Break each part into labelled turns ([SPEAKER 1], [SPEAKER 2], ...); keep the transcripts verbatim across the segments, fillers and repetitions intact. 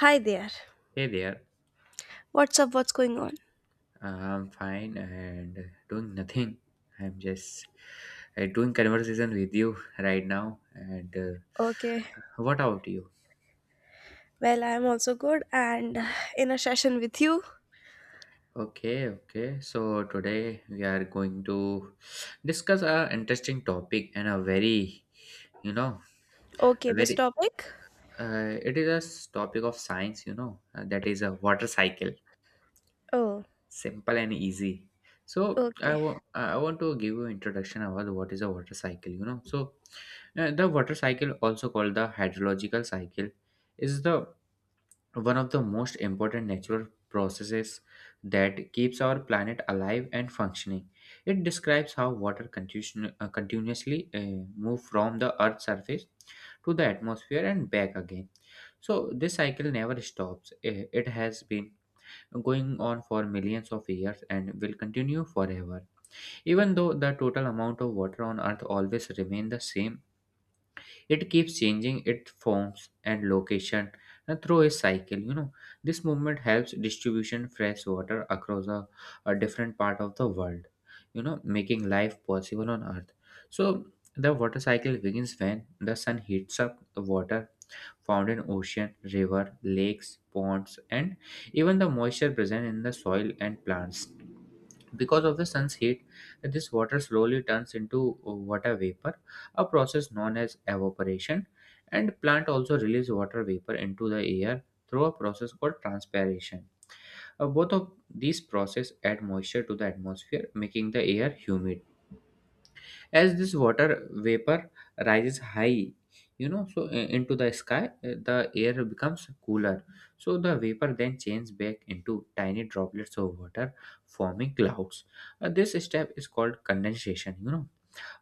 [SPEAKER 1] Hi there.
[SPEAKER 2] Hey there,
[SPEAKER 1] What's up? What's going on?
[SPEAKER 2] I'm fine and doing nothing. I'm just uh, doing conversation with you right now. And uh,
[SPEAKER 1] Okay.
[SPEAKER 2] What about you?
[SPEAKER 1] Well, I'm also good and in a session with you.
[SPEAKER 2] Okay, okay. So today we are going to discuss a interesting topic and a very, you know,
[SPEAKER 1] Okay,
[SPEAKER 2] a
[SPEAKER 1] this
[SPEAKER 2] very.
[SPEAKER 1] topic?
[SPEAKER 2] Uh, it is a s- topic of science, you know, uh, that is a water cycle.
[SPEAKER 1] Oh,
[SPEAKER 2] Simple and easy, so i
[SPEAKER 1] okay.
[SPEAKER 2] want i want to give you introduction about what is a water cycle, you know so uh, the water cycle, also called the hydrological cycle, is the one of the most important natural processes that keeps our planet alive and functioning. It describes how water continu- uh, continuously uh, move from the earth's surface to the atmosphere and back again. So this cycle never stops. Eh, it has been going on for millions of years and will continue forever. Even though the total amount of water on Earth always remains the same, it keeps changing its forms and location uh, through a cycle. You know, this movement helps distribution fresh water across a, a different part of the world, you know, making life possible on Earth. So the water cycle begins when the sun heats up the water found in ocean, river, lakes, ponds, and even the moisture present in the soil and plants. Because of the sun's heat, this water slowly turns into water vapor, a process known as evaporation, and plant also release water vapor into the air through a process called transpiration. Uh, both of these processes add moisture to the atmosphere, making the air humid. As this water vapor rises high, you know so uh, into the sky, uh, the air becomes cooler, so the vapor then changes back into tiny droplets of water, forming clouds. Uh, this step is called condensation. you know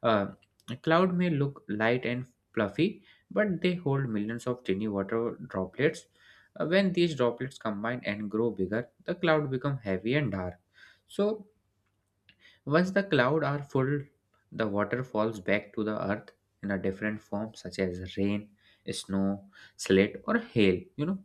[SPEAKER 2] uh, a cloud may look light and fluffy, but they hold millions of tiny water droplets. Uh, when these droplets combine and grow bigger, the cloud becomes heavy and dark. So once the clouds are full, the water falls back to the earth in a different form, such as rain, snow, slate, or hail. You know,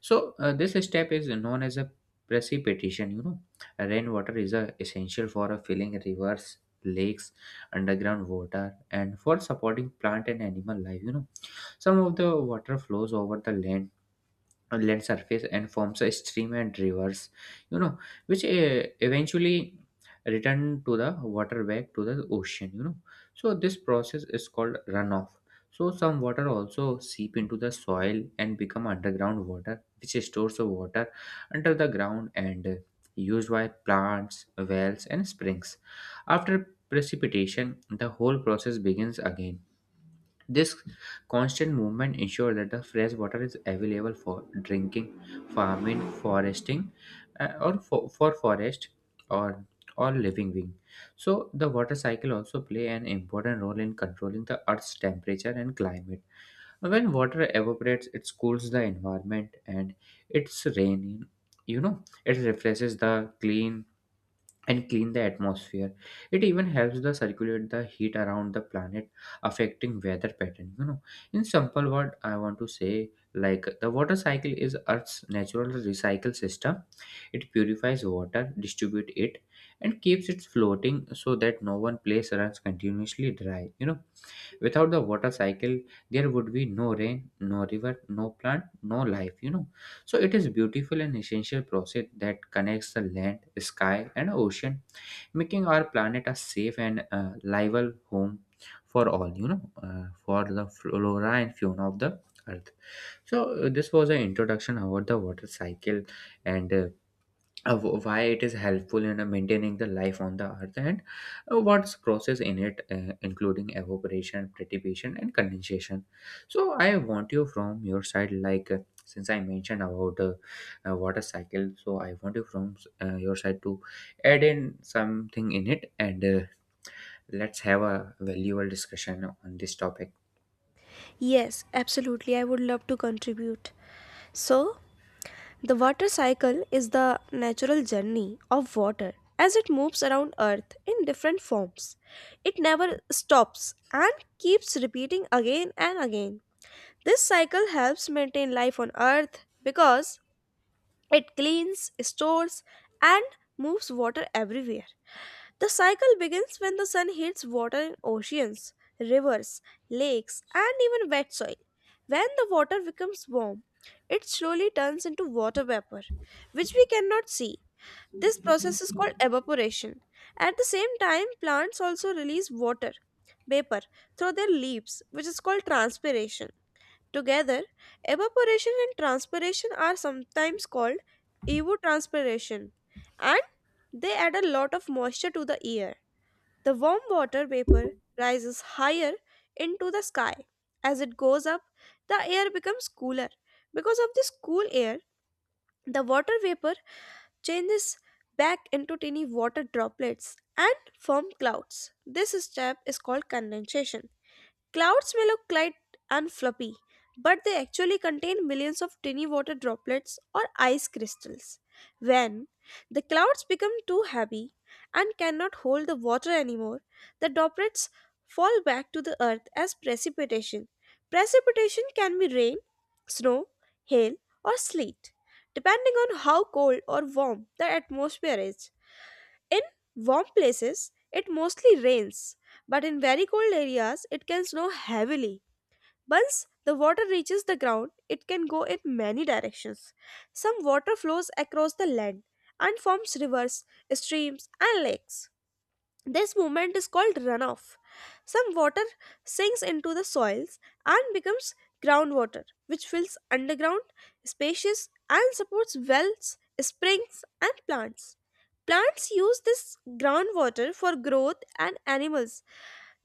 [SPEAKER 2] so uh, This step is known as a precipitation. You know, rainwater is a essential for a filling rivers, lakes, underground water, and for supporting plant and animal life. You know, some of the water flows over the land on land surface and forms a stream and rivers, you know which uh, eventually return to the water back to the ocean, you know. So this process is called runoff. So some water also seep into the soil and become underground water, which stores the water under the ground and uh, used by plants, wells and springs. After precipitation, the whole process begins again. This constant movement ensures that the fresh water is available for drinking, farming, foresting, uh, or for, for forest or or living being. So the water cycle also play an important role in controlling the Earth's temperature and climate. When water evaporates, it cools the environment and it's rain. You know, it refreshes the clean and clean the atmosphere. It even helps the circulate the heat around the planet, affecting weather pattern, you know. In simple word, I want to say, like, the water cycle is earth's natural recycle system. It purifies water, distributes it, and keeps it floating, so that no one place runs continuously dry, you know. Without the water cycle, there would be no rain, no river, no plant, no life, you know. So it is beautiful and essential process that connects the land, sky and ocean, making our planet a safe and uh, livable home for all, you know uh, for the flora and fauna of the earth. So uh, this was an introduction about the water cycle and uh, uh, wh- why it is helpful in uh, maintaining the life on the earth, and uh, what's process in it, uh, including evaporation, precipitation, and condensation. So I want you from your side, like uh, since I mentioned about uh, uh, water cycle, so I want you from uh, your side to add in something in it, and uh, let's have a valuable discussion on this topic.
[SPEAKER 1] Yes, absolutely. I would love to contribute. So, the water cycle is the natural journey of water as it moves around Earth in different forms. It never stops and keeps repeating again and again. This cycle helps maintain life on Earth because it cleans, stores, and moves water everywhere. The cycle begins when the sun heats water in oceans, rivers, lakes, and even wet soil. When the water becomes warm, it slowly turns into water vapor, which we cannot see. This process is called evaporation. At the same time, plants also release water vapor through their leaves, which is called transpiration. Together, evaporation and transpiration are sometimes called evotranspiration, and they add a lot of moisture to the air. The warm water vapor rises higher into the sky. As it goes up, the air becomes cooler. Because of this cool air, the water vapor changes back into tiny water droplets and form clouds. This step is called condensation. Clouds may look light and fluffy, but they actually contain millions of tiny water droplets or ice crystals. When the clouds become too heavy and cannot hold the water anymore, the droplets fall back to the earth as precipitation. Precipitation can be rain, snow, hail, or sleet, depending on how cold or warm the atmosphere is. In warm places, it mostly rains, but in very cold areas, it can snow heavily. Once the water reaches the ground, it can go in many directions. Some water flows across the land and forms rivers, streams, and lakes. This movement is called runoff. Some water sinks into the soils and becomes groundwater, which fills underground spaces and supports wells, springs, and plants. Plants use this groundwater for growth, and animals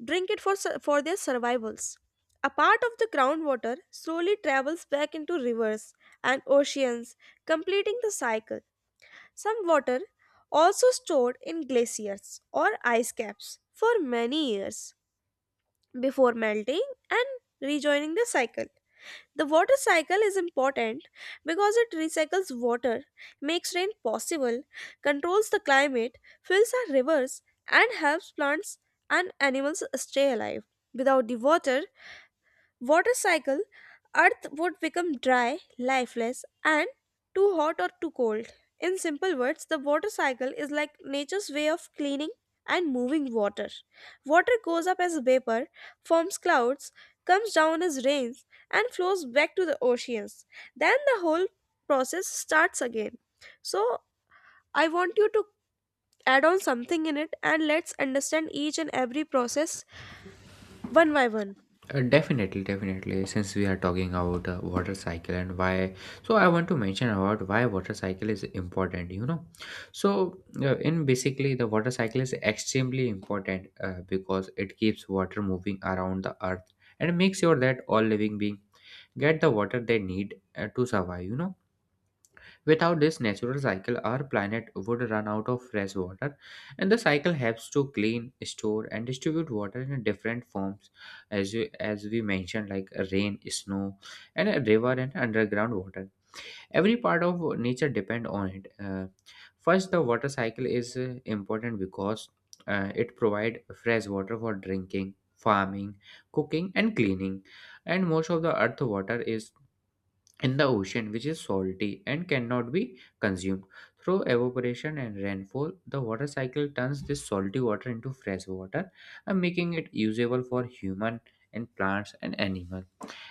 [SPEAKER 1] drink it for, su- for their survivals. A part of the groundwater slowly travels back into rivers and oceans, completing the cycle. Some water also stored in glaciers or ice caps for many years before melting and rejoining the cycle. The water cycle is important because it recycles water, makes rain possible, controls the climate, fills our rivers, and helps plants and animals stay alive. Without the water, water cycle, earth would become dry, lifeless, and too hot or too cold. In simple words, the water cycle is like nature's way of cleaning and moving water. Water goes up as vapor, forms clouds, comes down as rains, and flows back to the oceans. Then the whole process starts again. So I want you to add on something in it and let's understand each and every process one by one.
[SPEAKER 2] Uh, definitely, definitely. Since we are talking about uh, water cycle and why, so I want to mention about why water cycle is important. You know, so uh, in basically, the water cycle is extremely important uh, because it keeps water moving around the earth and makes sure that all living being get the water they need uh, to survive. You know, without this natural cycle, our planet would run out of fresh water, and the cycle helps to clean, store, and distribute water in different forms, as we, as we mentioned, like rain, snow, and a river and underground water. Every part of nature depend on it. Uh, first, the water cycle is uh, important because uh, it provide fresh water for drinking, farming, cooking, and cleaning, and most of the earth water is in the ocean, which is salty and cannot be consumed. Through evaporation and rainfall, the water cycle turns this salty water into fresh water and making it usable for human and plants and animals.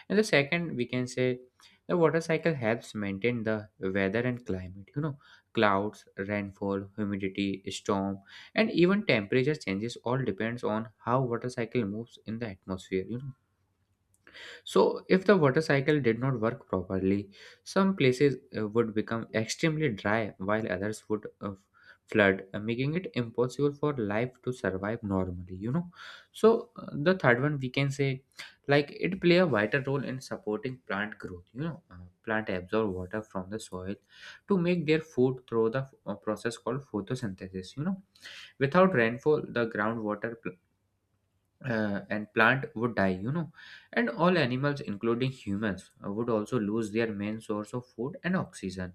[SPEAKER 2] And the second, we can say, the water cycle helps maintain the weather and climate. You know, clouds, rainfall, humidity, storm, and even temperature changes all depends on how water cycle moves in the atmosphere. You know, so if the water cycle did not work properly, some places uh, would become extremely dry, while others would uh, flood, uh, making it impossible for life to survive normally, you know. So, uh, the third one we can say, like, it play a vital role in supporting plant growth, you know. Uh, plant absorb water from the soil to make their food through the uh, process called photosynthesis, you know. Without rainfall, the groundwater uh, and plant would die, you know, and all animals including humans uh, would also lose their main source of food and oxygen.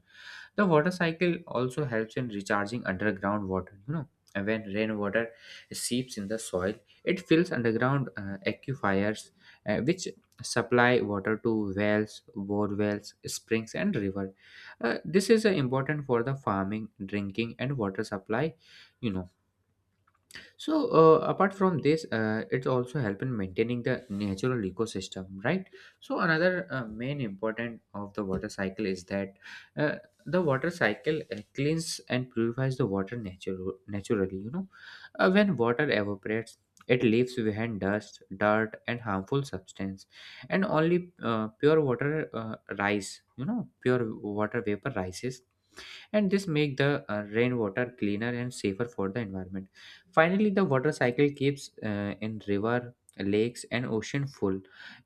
[SPEAKER 2] The water cycle also helps in recharging underground water, you know, and when rainwater seeps in the soil, it fills underground uh, aquifers, uh, which supply water to wells, bore wells, springs and river. Uh, this is uh, important for the farming, drinking and water supply, you know. So, uh, apart from this, uh, it's also help in maintaining the natural ecosystem, right? So, another uh, main important of the water cycle is that uh, the water cycle uh, cleans and purifies the water natural naturally. You know, uh, when water evaporates, it leaves behind dust, dirt, and harmful substance, and only uh, pure water uh, rise. You know, pure water vapor rises, and this make the uh, rainwater cleaner and safer for the environment. Finally, the water cycle keeps uh, in river, lakes and ocean full,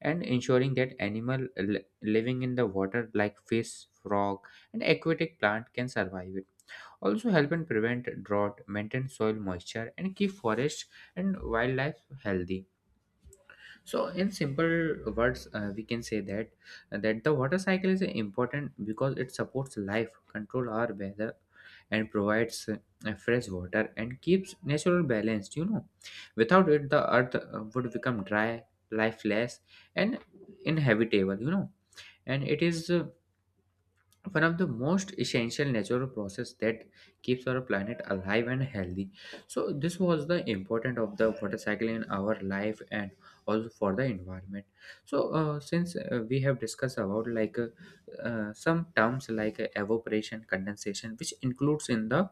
[SPEAKER 2] and ensuring that animal li- living in the water, like fish, frog and aquatic plant, can survive. It also help in prevent drought, maintain soil moisture and keep forest and wildlife healthy. So, in simple words, uh, we can say that uh, that the water cycle is important because it supports life, control our weather, and provides uh, fresh water and keeps natural balanced. You know, without it, the earth uh, would become dry, lifeless, and inhabitable. You know, and it is uh, one of the most essential natural process that keeps our planet alive and healthy. So this was the importance of the water cycle in our life and also for the environment. So uh, since uh, we have discussed about like uh, uh, some terms like uh, evaporation, condensation, which includes in the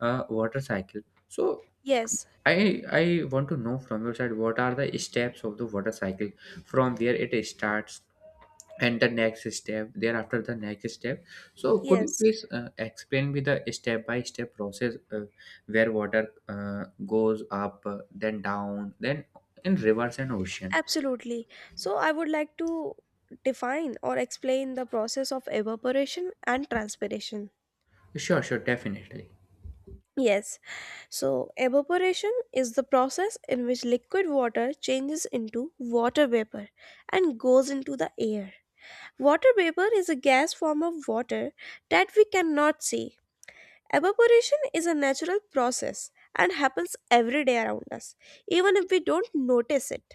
[SPEAKER 2] uh, water cycle, so
[SPEAKER 1] Yes.
[SPEAKER 2] I I want to know from your side, what are the steps of the water cycle, from where it starts, and the next step thereafter the next step. So could you
[SPEAKER 1] Yes,
[SPEAKER 2] please uh, explain me the step by step process, uh, where water uh, goes up, uh, then down, then in rivers and ocean.
[SPEAKER 1] absolutely. So, I would like to define or explain the process of evaporation and transpiration.
[SPEAKER 2] Sure, sure, definitely.
[SPEAKER 1] Yes, so evaporation is the process in which liquid water changes into water vapor and goes into the air. Water vapor is a gas form of water that we cannot see. Evaporation is a natural process and happens every day around us, even if we don't notice it.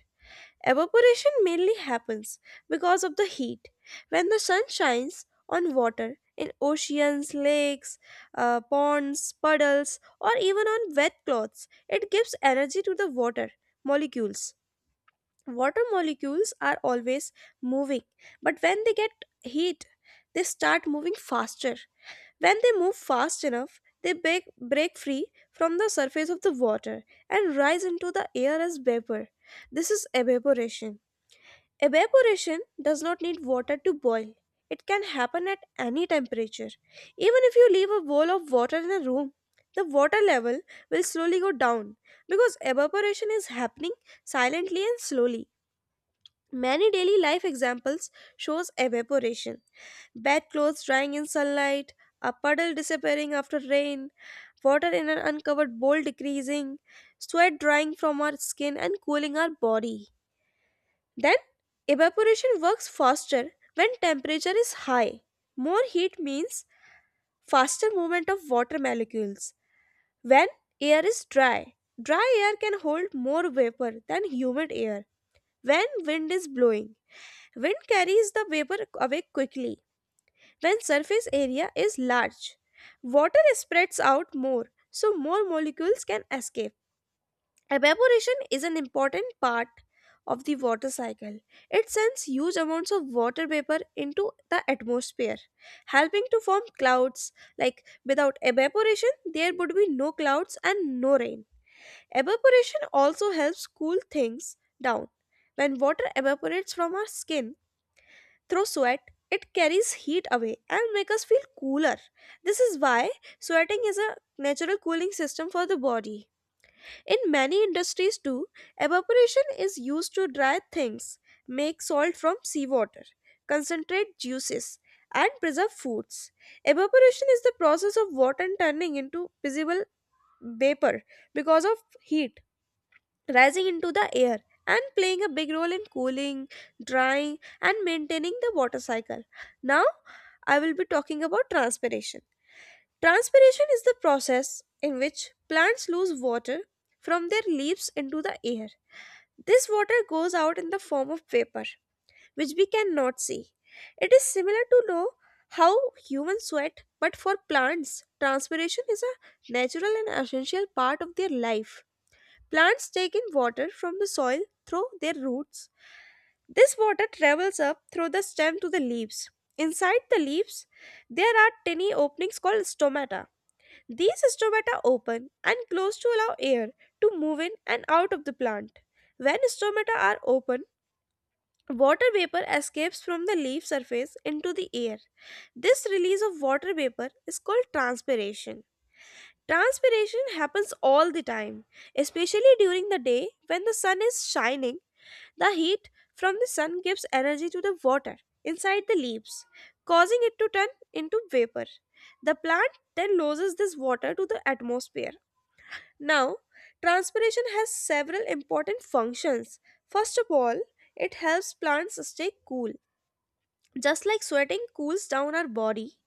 [SPEAKER 1] Evaporation mainly happens because of the heat. When the sun shines on water in oceans, lakes, uh, ponds, puddles, or even on wet cloths, it gives energy to the water molecules. Water molecules are always moving, but when they get heat, they start moving faster. When they move fast enough, they break, break free from the surface of the water and rise into the air as vapor. This is evaporation. Evaporation does not need water to boil. It can happen at any temperature. Even if you leave a bowl of water in a room, the water level will slowly go down because evaporation is happening silently and slowly. Many daily life examples shows evaporation. Bad clothes drying in sunlight, a puddle disappearing after rain, water in an uncovered bowl decreasing, sweat drying from our skin and cooling our body. Then, evaporation works faster when temperature is high. More heat means faster movement of water molecules when air is dry. Dry air can hold more vapor than humid air. When wind is blowing, wind carries the vapor away quickly. When surface area is large, water spreads out more, so more molecules can escape. Evaporation is an important part of the water cycle. It sends huge amounts of water vapor into the atmosphere, helping to form clouds. Like without evaporation, there would be no clouds and no rain. Evaporation also helps cool things down. When water evaporates from our skin through sweat, it carries heat away and makes us feel cooler. This is why sweating is a natural cooling system for the body. In many industries, too, evaporation is used to dry things, make salt from seawater, concentrate juices, and preserve foods. Evaporation is the process of water turning into visible vapor because of heat, rising into the air, and playing a big role in cooling, drying, and maintaining the water cycle. Now, I will be talking about transpiration. Transpiration is the process in which plants lose water from their leaves into the air. This water goes out in the form of vapor, which we cannot see. It is similar to know how humans sweat, but for plants, transpiration is a natural and essential part of their life. Plants take in water from the soil through their roots. This water travels up through the stem to the leaves. Inside the leaves, there are tiny openings called stomata. These stomata open and close to allow air to move in and out of the plant. When stomata are open, water vapor escapes from the leaf surface into the air. This release of water vapor is called transpiration. Transpiration happens all the time, especially during the day when the sun is shining. The heat from the sun gives energy to the water inside the leaves, causing it to turn into vapor. The plant then loses this water to the atmosphere. Now, transpiration has several important functions. First of all, it helps plants stay cool. Just like sweating cools down our body,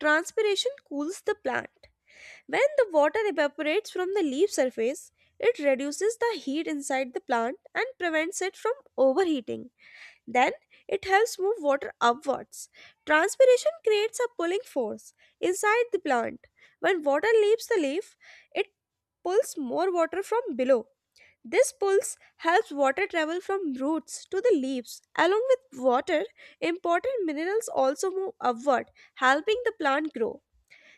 [SPEAKER 1] transpiration cools the plant. When the water evaporates from the leaf surface, it reduces the heat inside the plant and prevents it from overheating. Then it helps move water upwards. Transpiration creates a pulling force inside the plant. When water leaves the leaf, it pulls more water from below. This pulls helps water travel from roots to the leaves. Along with water, important minerals also move upward, helping the plant grow.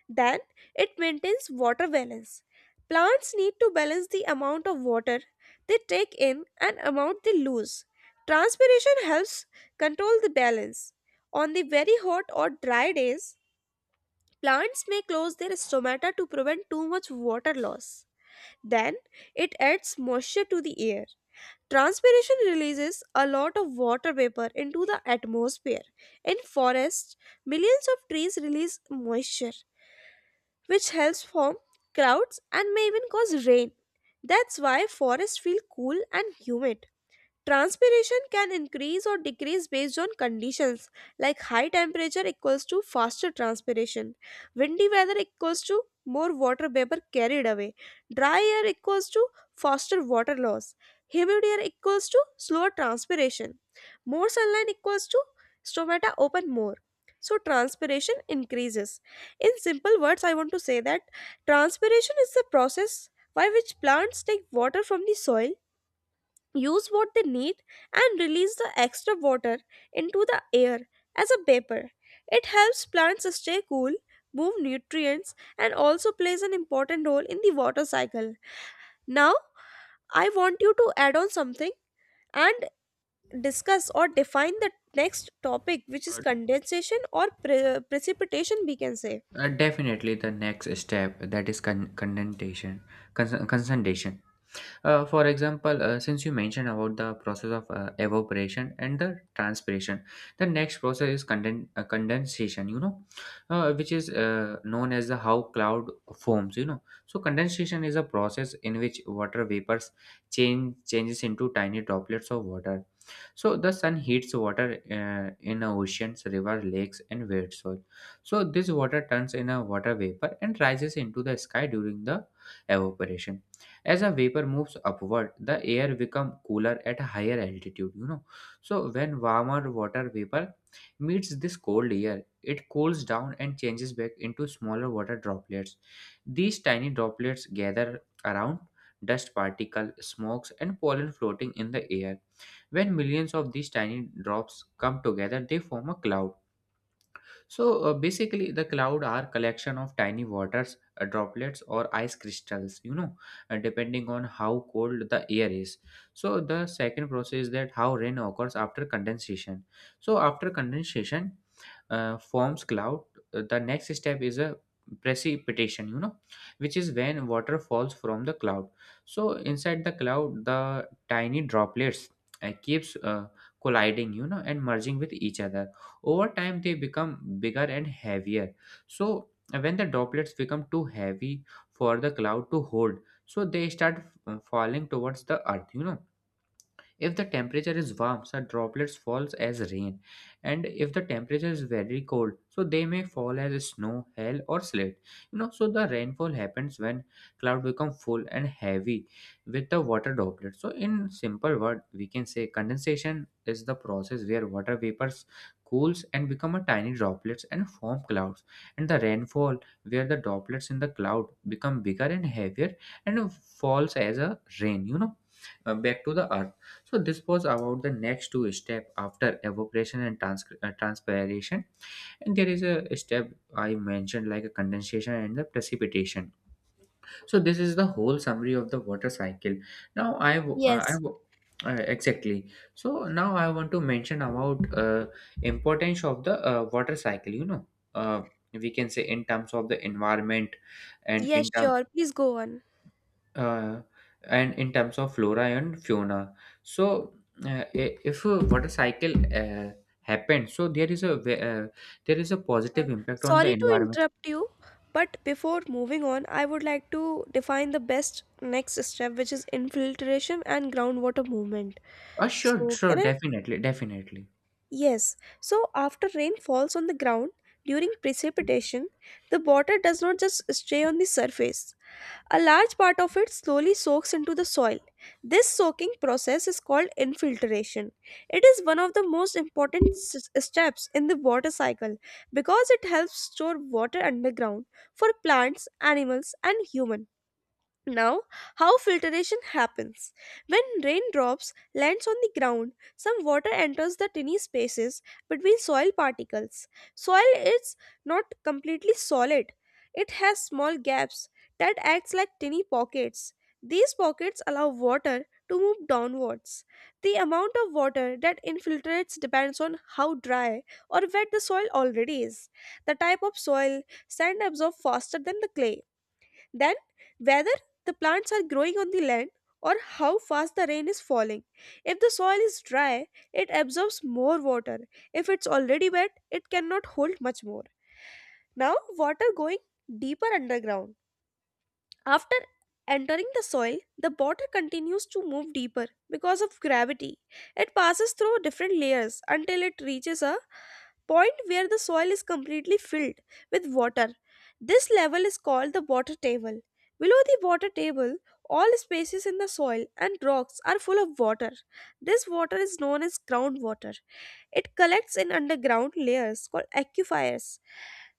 [SPEAKER 1] Then it maintains water balance. Plants need to balance the amount of water they take in and amount they lose. Transpiration helps control the balance. On the very hot or dry days, plants may close their stomata to prevent too much water loss. Then it adds moisture to the air. Transpiration releases a lot of water vapor into the atmosphere. In forests, millions of trees release moisture which helps form clouds and may even cause rain. That's why forests feel cool and humid. Transpiration can increase or decrease based on conditions, like high temperature equals to faster transpiration, windy weather equals to more water vapor carried away, dry air equals to faster water loss, humid air equals to slower transpiration, more sunlight equals to stomata open more. So, transpiration increases. In simple words, I want to say that transpiration is the process by which plants take water from the soil, use what they need, and release the extra water into the air as a vapor. It helps plants stay cool, move nutrients, and also plays an important role in the water cycle. Now, I want you to add on something and discuss or define the next topic, which is condensation or pre- precipitation, we can say.
[SPEAKER 2] uh, Definitely, the next step, that is con- condensation, cons- condensation. Uh, for example, uh, since you mentioned about the process of uh, evaporation and the transpiration, the next process is conden- uh, condensation, you know, uh, which is uh, known as the how cloud forms, you know. So condensation is a process in which water vapors change changes into tiny droplets of water. So the sun heats water uh, in oceans, river, lakes and wet soil, so this water turns in a water vapor and rises into the sky during the evaporation. As a vapor moves upward, the air become cooler at a higher altitude, you know. So when warmer water vapor meets this cold air, it cools down and changes back into smaller water droplets. These tiny droplets gather around dust particle, smokes and pollen floating in the air. When millions of these tiny drops come together, they form a cloud. So uh, basically, the cloud are collection of tiny waters uh, droplets or ice crystals. You know, uh, depending on how cold the air is. So the second process is that how rain occurs after condensation. So after condensation, uh, forms cloud, uh, the next step is a precipitation, you know which is when water falls from the cloud. So inside the cloud the tiny droplets uh, keeps uh, colliding, you know and merging with each other. Over time they become bigger and heavier. So uh, when the droplets become too heavy for the cloud to hold, so they start uh, falling towards the earth. You know if the temperature is warm, so droplets falls as rain, and if the temperature is very cold, so they may fall as snow, hail, or slate. You know, so the rainfall happens when cloud become full and heavy with the water droplets. So in simple word, we can say condensation is the process where water vapors cools and become a tiny droplets and form clouds, and the rainfall where the droplets in the cloud become bigger and heavier and falls as a rain you know uh, back to the earth. So this was about the next two step after evaporation and trans- uh, transpiration. And there is a step I mentioned like a condensation and the precipitation. So this is the whole summary of the water cycle. Now I w- uh, I
[SPEAKER 1] Yes.
[SPEAKER 2] w- uh, exactly. So now I want to mention about uh, importance of the uh, water cycle. You know, uh, we can say in terms of the environment and
[SPEAKER 1] Yes,
[SPEAKER 2] in terms
[SPEAKER 1] sure. Please go on.
[SPEAKER 2] uh, and in terms of flora and fauna. So uh, i- if a water cycle uh, happens, so there is a ve- uh, there is a
[SPEAKER 1] Uh,
[SPEAKER 2] positive impact on the
[SPEAKER 1] Sorry to
[SPEAKER 2] environment.
[SPEAKER 1] interrupt you, but before moving on, I would like to define the best next step, which is infiltration and groundwater movement.
[SPEAKER 2] uh, sure
[SPEAKER 1] So,
[SPEAKER 2] sure
[SPEAKER 1] can I?
[SPEAKER 2] definitely definitely
[SPEAKER 1] Yes. So, after rain falls on the ground during precipitation, the water does not just stay on the surface. A large part of it slowly soaks into the soil. This soaking process is called infiltration. It is one of the most important s- steps in the water cycle because it helps store water underground for plants, animals, and humans. Now, how filtration happens. When raindrops lands on the ground, some water enters the tiny spaces between soil particles. Soil is not completely solid. It has small gaps that acts like tiny pockets. These pockets allow water to move downwards. The amount of water that infiltrates depends on how dry or wet the soil already is, the type of soil — sand absorbs faster than the clay — then, whether the plants are growing on the land, or how fast the rain is falling. If the soil is dry, it absorbs more water. If it's already wet, it cannot hold much more. Now, water going deeper underground. After entering the soil, the water continues to move deeper because of gravity. It passes through different layers until it reaches a point where the soil is completely filled with water. This level is called the water table. Below the water table, all spaces in the soil and rocks are full of water. This water is known as groundwater. It collects in underground layers called aquifers,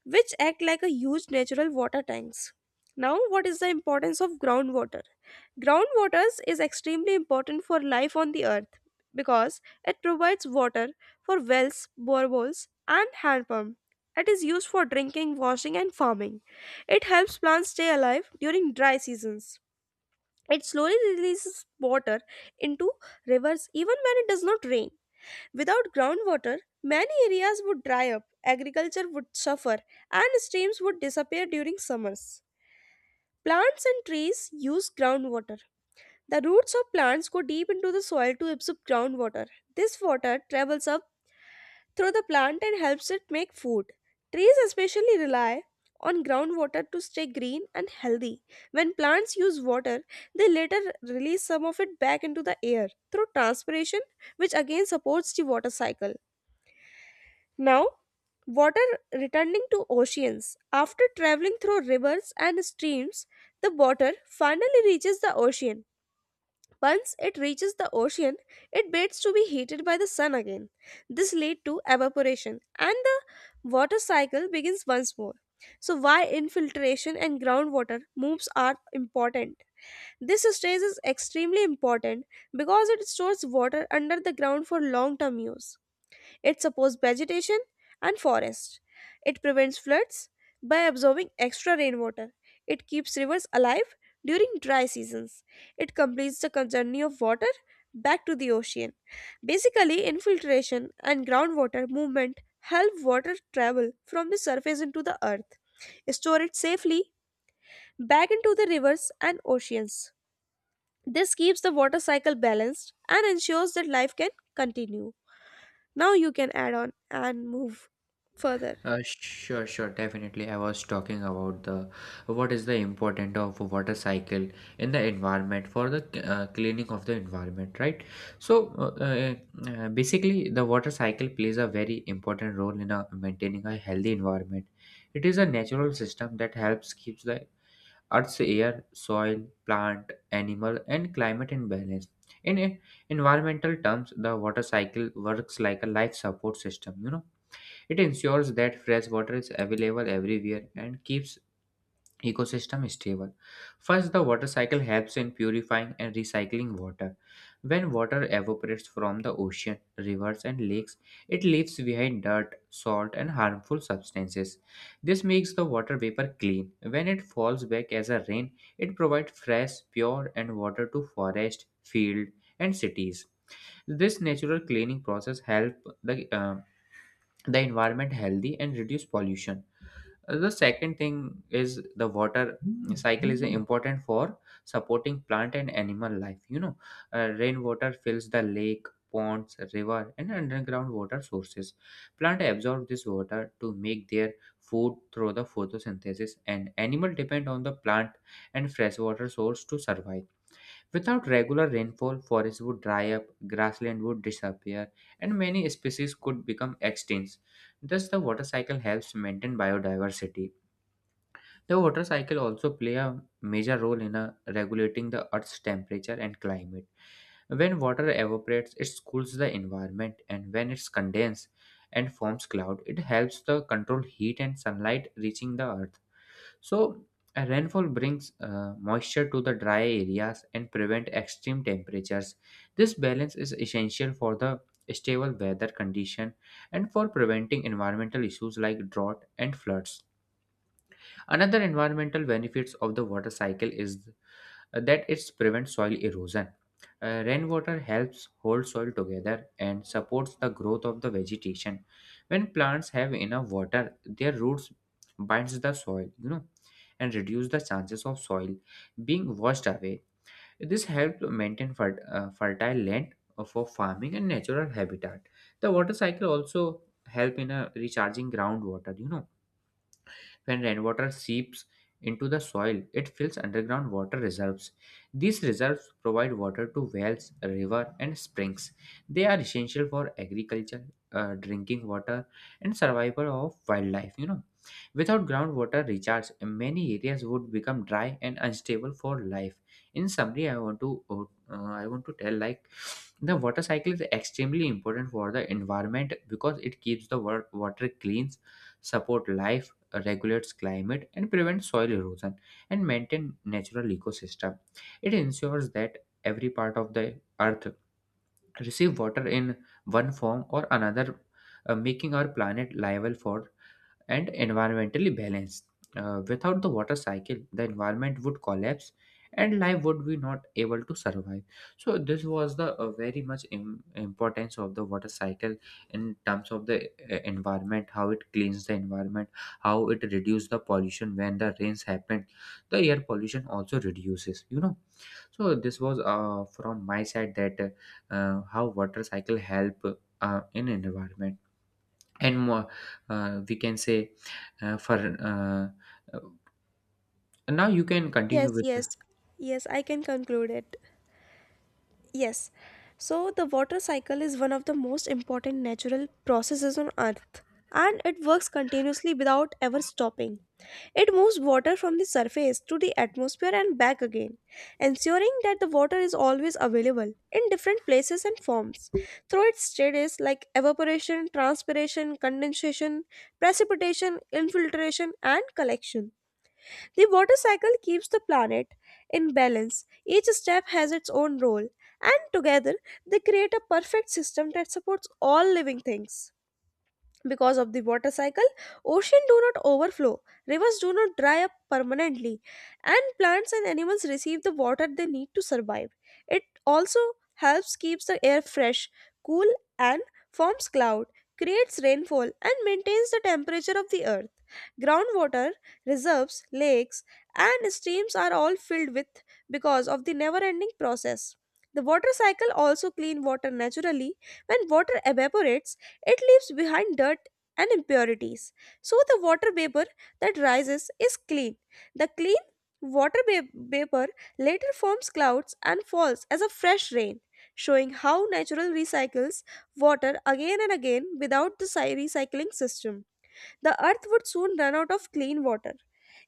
[SPEAKER 1] which act like a huge natural water tanks. Now, what is the importance of groundwater? Groundwaters is extremely important for life on the earth because it provides water for wells, boreholes, and hand pump. It is used for drinking, washing, and farming. It helps plants stay alive during dry seasons. It slowly releases water into rivers even when it does not rain. Without groundwater, many areas would dry up, agriculture would suffer, and streams would disappear during summers. Plants and trees use groundwater. The roots of plants go deep into the soil to absorb groundwater. This water travels up through the plant and helps it make food. Trees especially rely on groundwater to stay green and healthy. When plants use water, they later release some of it back into the air through transpiration, which again supports the water cycle. Now, water returning to oceans. After traveling through rivers and streams, the water finally reaches the ocean. Once it reaches the ocean, it waits to be heated by the sun again. This leads to evaporation and the water cycle begins once more. So, why infiltration and groundwater moves are important? This stage is extremely important because it stores water under the ground for long term use. It supports vegetation and forests. It prevents floods by absorbing extra rainwater. It keeps rivers alive during dry seasons. It completes the con- journey of water back to the ocean. Basically, infiltration and groundwater movement help water travel from the surface into the earth, store it safely back into the rivers and oceans. This keeps the water cycle balanced and ensures that life can continue. Now you can add on and move further.
[SPEAKER 2] Uh, sure, sure, definitely. I was talking about the what is the importance of water cycle in the environment for the uh, cleaning of the environment, right? So, uh, uh, uh, basically, the water cycle plays a very important role in uh maintaining a healthy environment. It is a natural system that helps keeps the earth's air, soil, plant, animal, and climate in balance. In en- environmental terms, the water cycle works like a life support system. You know, it ensures that fresh water is available everywhere and keeps ecosystem stable. First, the water cycle helps in purifying and recycling water. When water evaporates from the ocean, rivers, and lakes, it leaves behind dirt, salt, and harmful substances. This makes the water vapor clean. When it falls back as a rain, it provides fresh, pure, and water to forest, field, and cities. This natural cleaning process help the uh, the environment healthy and reduce pollution. Uh, the second thing is the water cycle is important for supporting plant and animal life. You know uh, rainwater fills the lake, ponds, river, and underground water sources. Plant absorb this water to make their food through the photosynthesis, and animal depend on the plant and freshwater source to survive. Without regular rainfall, forests would dry up, grassland would disappear, and many species could become extinct. Thus, the water cycle helps maintain biodiversity. The water cycle also play a major role in uh, regulating the Earth's temperature and climate. When water evaporates, it cools the environment, and when it's condensed and forms cloud, it helps the control heat and sunlight reaching the Earth. So, a rainfall brings uh, moisture to the dry areas and prevent extreme temperatures. This balance is essential for the stable weather condition and for preventing environmental issues like drought and floods. Another environmental benefits of the water cycle is uh, that it prevents soil erosion. Uh, rainwater helps hold soil together and supports the growth of the vegetation. When plants have enough water, their roots binds the soil, you know, and reduce the chances of soil being washed away. This helps maintain fer- uh, fertile land for farming and natural habitat. The water cycle also help in a recharging groundwater, you know when rainwater seeps into the soil, it fills underground water reserves. These reserves provide water to wells, rivers, and springs. They are essential for agriculture, uh, drinking water, and survival of wildlife. You know, without groundwater recharge, many areas would become dry and unstable for life. In summary, I want to uh, I want to tell like the water cycle is extremely important for the environment because it keeps the wa- water clean, support life, regulates climate and prevents soil erosion and maintain natural ecosystem. It ensures that every part of the earth receive water in one form or another, uh, making our planet liable for and environmentally balanced. Uh, without the water cycle, the environment would collapse and life would be not able to survive. So this was the uh, very much im- importance of the water cycle in terms of the uh, environment, how it cleans the environment, how it reduces the pollution when the rains happen. The air pollution also reduces, you know. So this was uh, from my side that uh, how water cycle help uh, in environment and more, uh, we can say uh, for uh, uh, now you can
[SPEAKER 1] Yes,
[SPEAKER 2] continue with
[SPEAKER 1] yes,
[SPEAKER 2] the-
[SPEAKER 1] yes, I can conclude it. Yes. So, the water cycle is one of the most important natural processes on Earth, and it works continuously without ever stopping. It moves water from the surface to the atmosphere and back again, ensuring that the water is always available in different places and forms through its stages like evaporation, transpiration, condensation, precipitation, infiltration, and collection. The water cycle keeps the planet in balance. Each step has its own role, and together they create a perfect system that supports all living things. Because of the water cycle, oceans do not overflow, rivers do not dry up permanently, and plants and animals receive the water they need to survive. It also helps keeps the air fresh, cool, and forms cloud, creates rainfall and maintains the temperature of the earth. Groundwater reserves, lakes, and streams are all filled with because of the never ending process. The water cycle also clean water naturally. When water evaporates, it leaves behind dirt and impurities. So the water vapor that rises is clean. The clean water va- vapor later forms clouds and falls as a fresh rain, showing how natural recycles water again and again without the cy- recycling system. The earth would soon run out of clean water.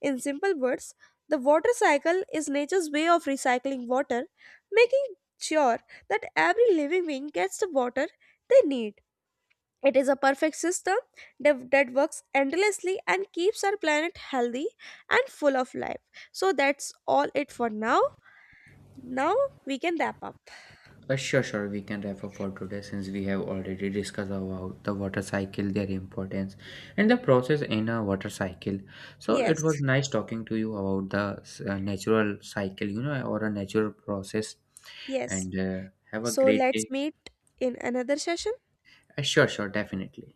[SPEAKER 1] In simple words, the water cycle is nature's way of recycling water, making sure that every living being gets the water they need. It is a perfect system that, that works endlessly and keeps our planet healthy and full of life. So that's all it for now. Now we can wrap up.
[SPEAKER 2] uh, sure sure we can wrap up for today since we have already discussed about the water cycle their importance and the process in a water cycle. So it
[SPEAKER 1] Yes,
[SPEAKER 2] was nice talking to you about the s- uh, natural cycle, you know or a natural process.
[SPEAKER 1] yes.
[SPEAKER 2] And uh, have a
[SPEAKER 1] So
[SPEAKER 2] great
[SPEAKER 1] let's
[SPEAKER 2] day.
[SPEAKER 1] meet in another session.
[SPEAKER 2] Uh, sure sure definitely.